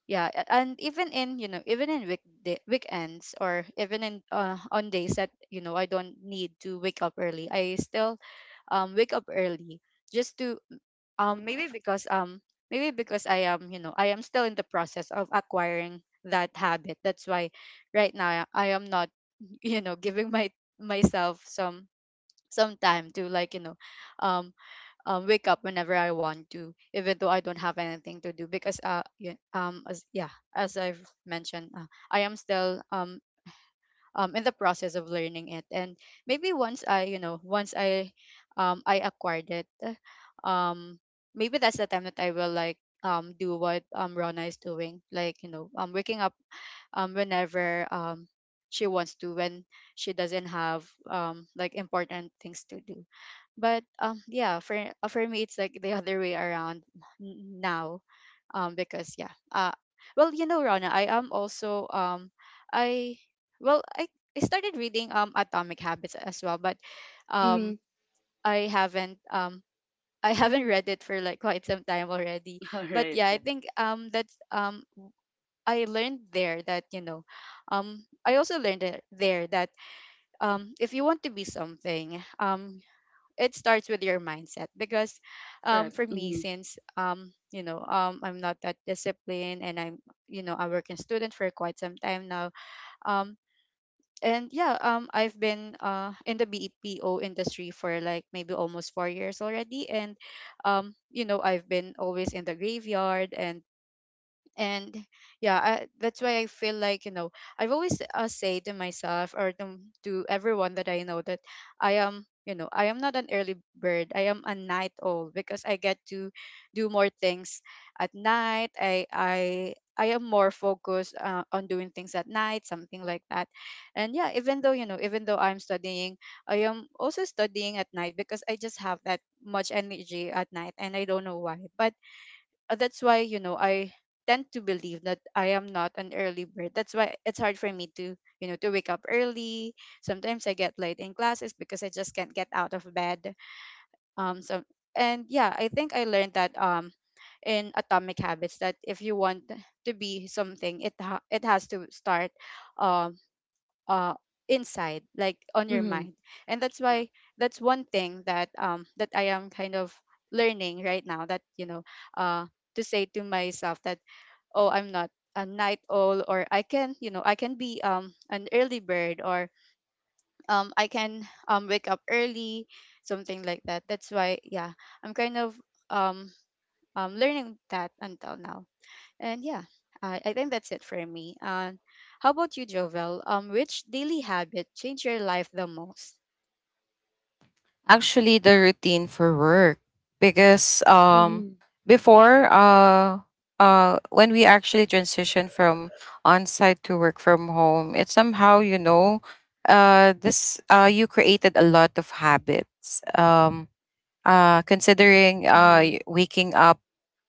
yeah, and even in weekday, weekends, or even in on days that I don't need to wake up early, I still wake up early, just to um maybe because um maybe because I am I am still in the process of acquiring that habit. That's why right now I am not giving my myself some time to, like, um wake up whenever I want to, even though I don't have anything to do. Because yeah, as yeah, as I've mentioned, I am still in the process of learning it, and maybe once I I acquired it, um maybe that's the time that I will, like, do what Rona is doing, like, waking up whenever she wants to, when she doesn't have like, important things to do. But yeah, for me it's like the other way around now. Because yeah, well, Rana, I am also I well, I started reading Atomic Habits as well, but um, mm-hmm. I haven't I haven't read it for like quite some time already. All But right, yeah, I right. think that's I learned there that I also learned there that if you want to be something, it starts with your mindset. Because, Correct, for me, mm-hmm, since I'm not that disciplined, and I'm, a working student for quite some time now. Um, and yeah, I've been in the BPO industry for like maybe almost four years already, and I've been always in the graveyard, and yeah, that's why I feel like, I've always say to myself or to everyone that I know that I am, I am not an early bird, I am a night owl, because I get to do more things at night. I am more focused on doing things at night, something like that. And yeah, even though even though I'm studying, I am also studying at night because I just have that much energy at night and I don't know why, but that's why, I tend to believe that I am not an early bird. That's why it's hard for me to, to wake up early. Sometimes I get late in classes because I just can't get out of bed. So and yeah, I think I learned that in Atomic Habits, that if you want to be something, it has to start Um uh inside, like, on your mm-hmm, mind. And that's why, correct, that's one thing that that I am kind of learning right now, that uh to say to myself that, oh, I'm not a night owl, or I can, I can be an early bird, or I can wake up early, something like that. That's why, yeah, I'm kind of um learning that until now. And yeah, I think that's it for me. How about you, Jovel? Which daily habit changed your life the most? Actually, the routine for work, because before, when we actually transition from on-site to work from home, it's somehow, you know, this you created a lot of habits. Considering, Mm-hmm. Waking up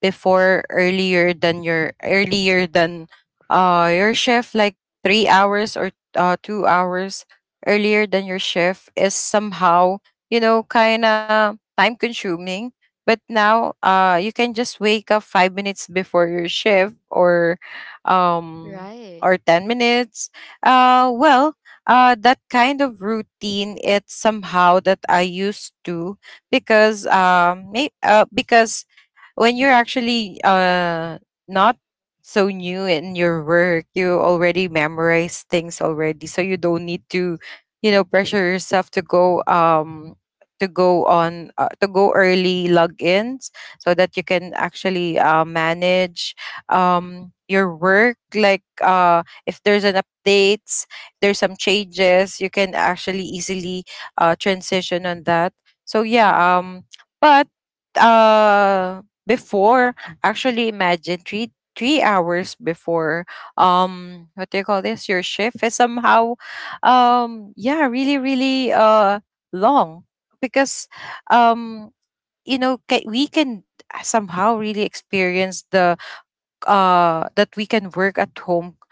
before earlier than your shift, like 3 hours or 2 hours earlier than your shift, is somehow, you know, kind of time consuming. But now, you can just wake up 5 minutes before your shift, or um, Right. or 10 minutes. Well, that kind of routine, it's somehow that I used to. Because because when you're actually not so new in your work, you already memorize things already, so you don't need to, pressure yourself to go early logins, so that you can actually manage your work, like if there's an updates, there's some changes, you can actually easily transition on that. So yeah, Mm-hmm. But uh before, actually imagine three hours before, what do you call this, your shift, is somehow, yeah, really really long. Because um you know, we can somehow really experience the, that we can work at home,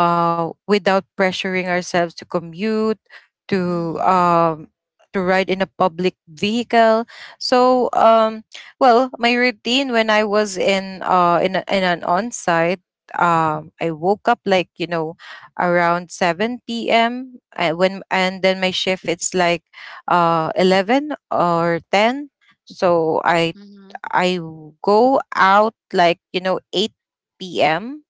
without pressuring ourselves to commute, to Mm-hmm. um, to ride in a public vehicle. So, well, my routine when I was in, in an on site, I woke up like, around 7 p.m. When and then my shift, it's like 11 or 10. So I Mm-hmm. I w- go out like, you know, 8 p.m,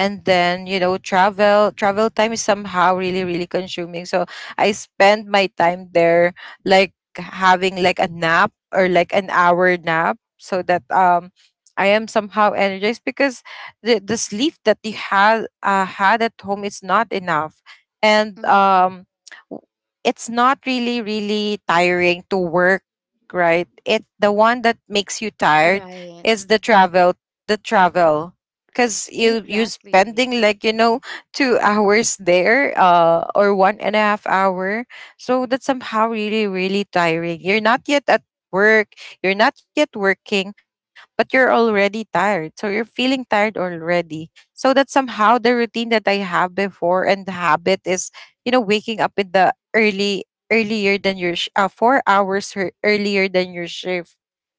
and then travel time is somehow really consuming, so I spend my time there like having like a nap or like an hour nap so that I am somehow energized, because the sleep that you had at home is not enough. And Mm-hmm. W- it's not really tiring to work, right? It, the one that makes you tired Right. is the travel, the travel, because you Exactly. spending like, you know, 2 hours there, or one and a half hour, so that's somehow really tiring. You're not yet at work, you're not yet working, but you're already tired, so you're feeling tired already. So that's somehow the routine that I have before. And the habit is, you know, waking up in the early, earlier than your 4 hours earlier than your shift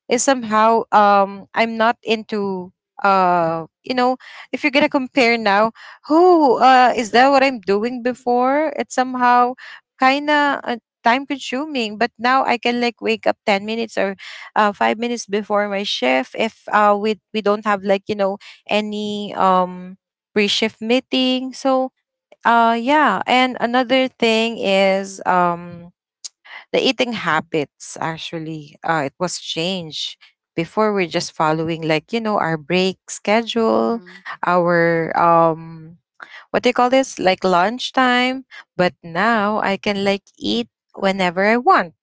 is somehow. I'm not into, you know, if you're gonna compare now, who is that what I'm doing before? It's somehow kind of time consuming. But now I can like wake up 10 minutes or 5 minutes before my shift, if we don't have like, you know, any pre-shift meeting. So yeah, and another thing is, the eating habits actually, it was changed. Before, we're just following, like, you know, our break schedule, Mm-hmm. our, what do you call this, like lunchtime. But now I can like eat whenever I want,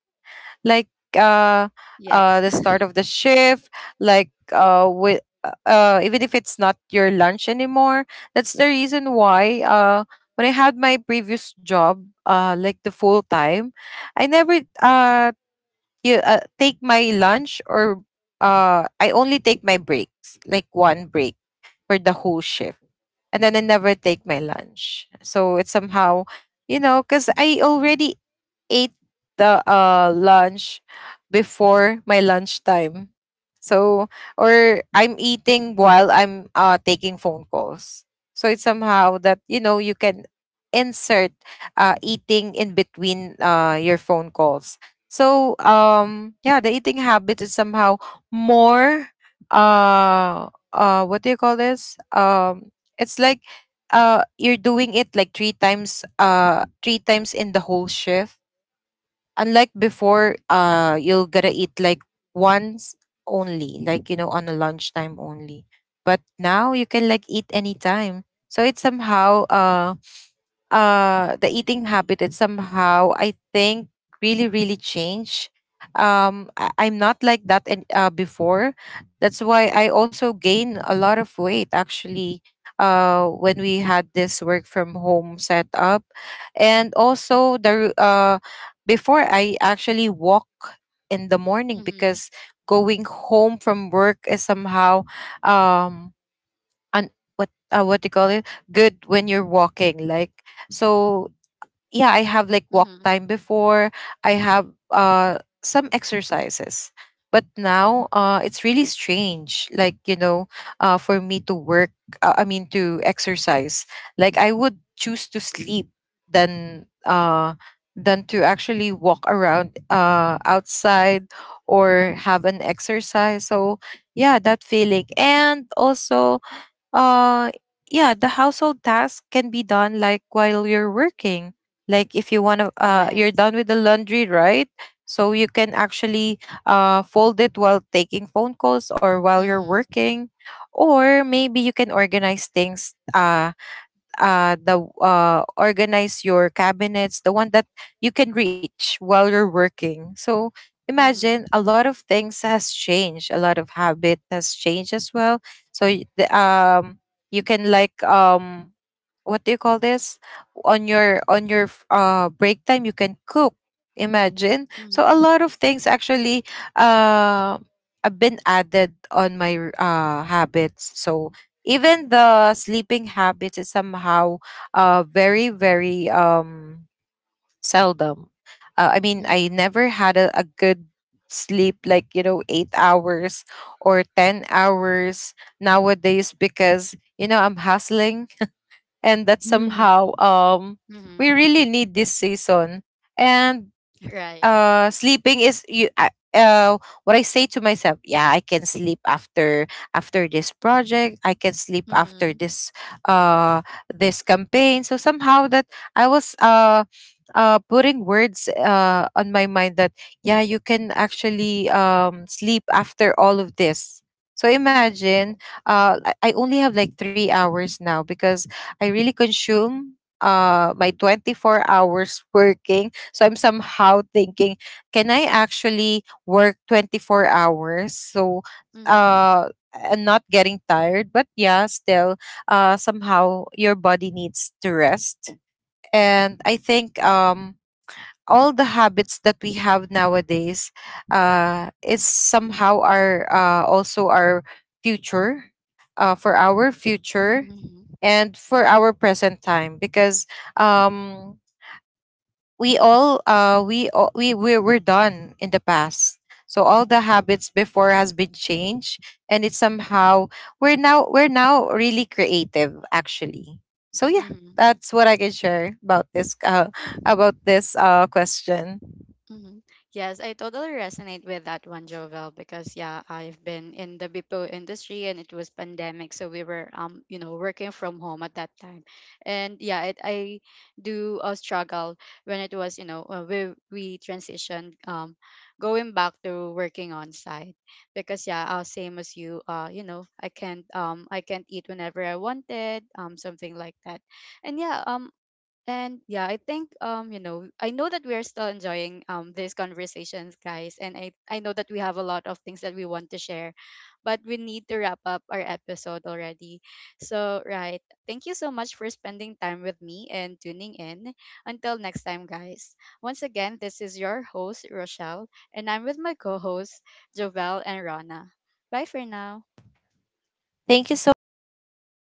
like, uh Yes. The start of the shift, like, with, even if it's not your lunch anymore. That's the reason why, when I had my previous job, like the full time, I never you take my lunch, or I only take my breaks, like one break for the whole shift. And then I never take my lunch. So it's somehow, you know, cuz I already ate the lunch before my lunchtime. So, or I'm eating while I'm taking phone calls. So it's somehow that, you know, you can insert eating in between your phone calls. So yeah, the eating habit is somehow more, what do you call this? It's like, you're doing it like three times in the whole shift, unlike before. You'll gotta eat like once only, like, you know, on a lunchtime only. But now you can like eat anytime, so it's somehow the eating habit, it's somehow, I think, really changed. I'm not like that. And before, that's why I also gain a lot of weight, actually, when we had this work from home setup. And also the before, I actually walk in the morning, Mm-hmm. because going home from work is somehow, um un- what do you call it, good when you're walking, like, so yeah, I have like walk Mm-hmm. time before. I have some exercises. But now it's really strange, like, you know, for me to work, I mean to exercise. Like, I would choose to sleep than uh than to actually walk around outside or have an exercise. So yeah, that feeling. And also, uh yeah, the household tasks can be done like while you're working. Like, if you want to you're Yes. done with the laundry, right? So you can actually fold it while taking phone calls or while you're Mm-hmm. working, or maybe you can organize things, the organize your cabinets, the one that you can reach while you're working. So Mm-hmm. imagine, a lot of things has changed, a lot of habit has changed as well. So the, you can like, what do you call this, on your break time you can cook. Imagine, so a Mm-hmm. lot of things actually uh have been added on my habits. So even the sleeping habits is somehow very very seldom. I mean, I Mm-hmm. never had a good sleep like, you know, 8 hours or 10 hours nowadays, because, you know, I'm hustling, and that mm-hmm. somehow, we Mm-hmm. really need this season. And Right. Sleeping is what I say to myself, yeah, I can sleep after, after this project. I can sleep after Mm-hmm. this, uh this campaign. So somehow that I was putting words on my mind that, yeah, you can actually sleep after all of this. So Mm-hmm. imagine, I only have like 3 hours now, because I really consume my 24 hours working. So I'm somehow thinking, can I actually work 24 hours? So Mm-hmm. uh and not getting tired, but yeah, still somehow your body needs to rest. And I think, all the habits that we have nowadays is somehow our also our future, for our future Mm-hmm. and for our present time, because um we all, we're done in the past. So all the habits before has been changed, and it's somehow we're now really creative, actually. So yeah, Mm-hmm. that's what I can share about this about this question. Mhm. Yes, I totally resonate with that one, Jovel, because yeah, I've been in the BPO industry and it was pandemic, so we were working from home at that time. And yeah, I do struggle when it was, we transitioned going back to working on site, because yeah, same as you, I can't eat whenever I wanted, something like that. And yeah, um and yeah, I think I know that we are still enjoying these conversations, guys, and I know that we have a lot of things that we want to share, but we need to wrap up our episode already. So, right, thank you so much for spending time with me and tuning in. Until next time, guys. Once again, this is your host Rochelle, and I'm with my co-hosts Jovel and Rana. Bye for now. Thank you so much.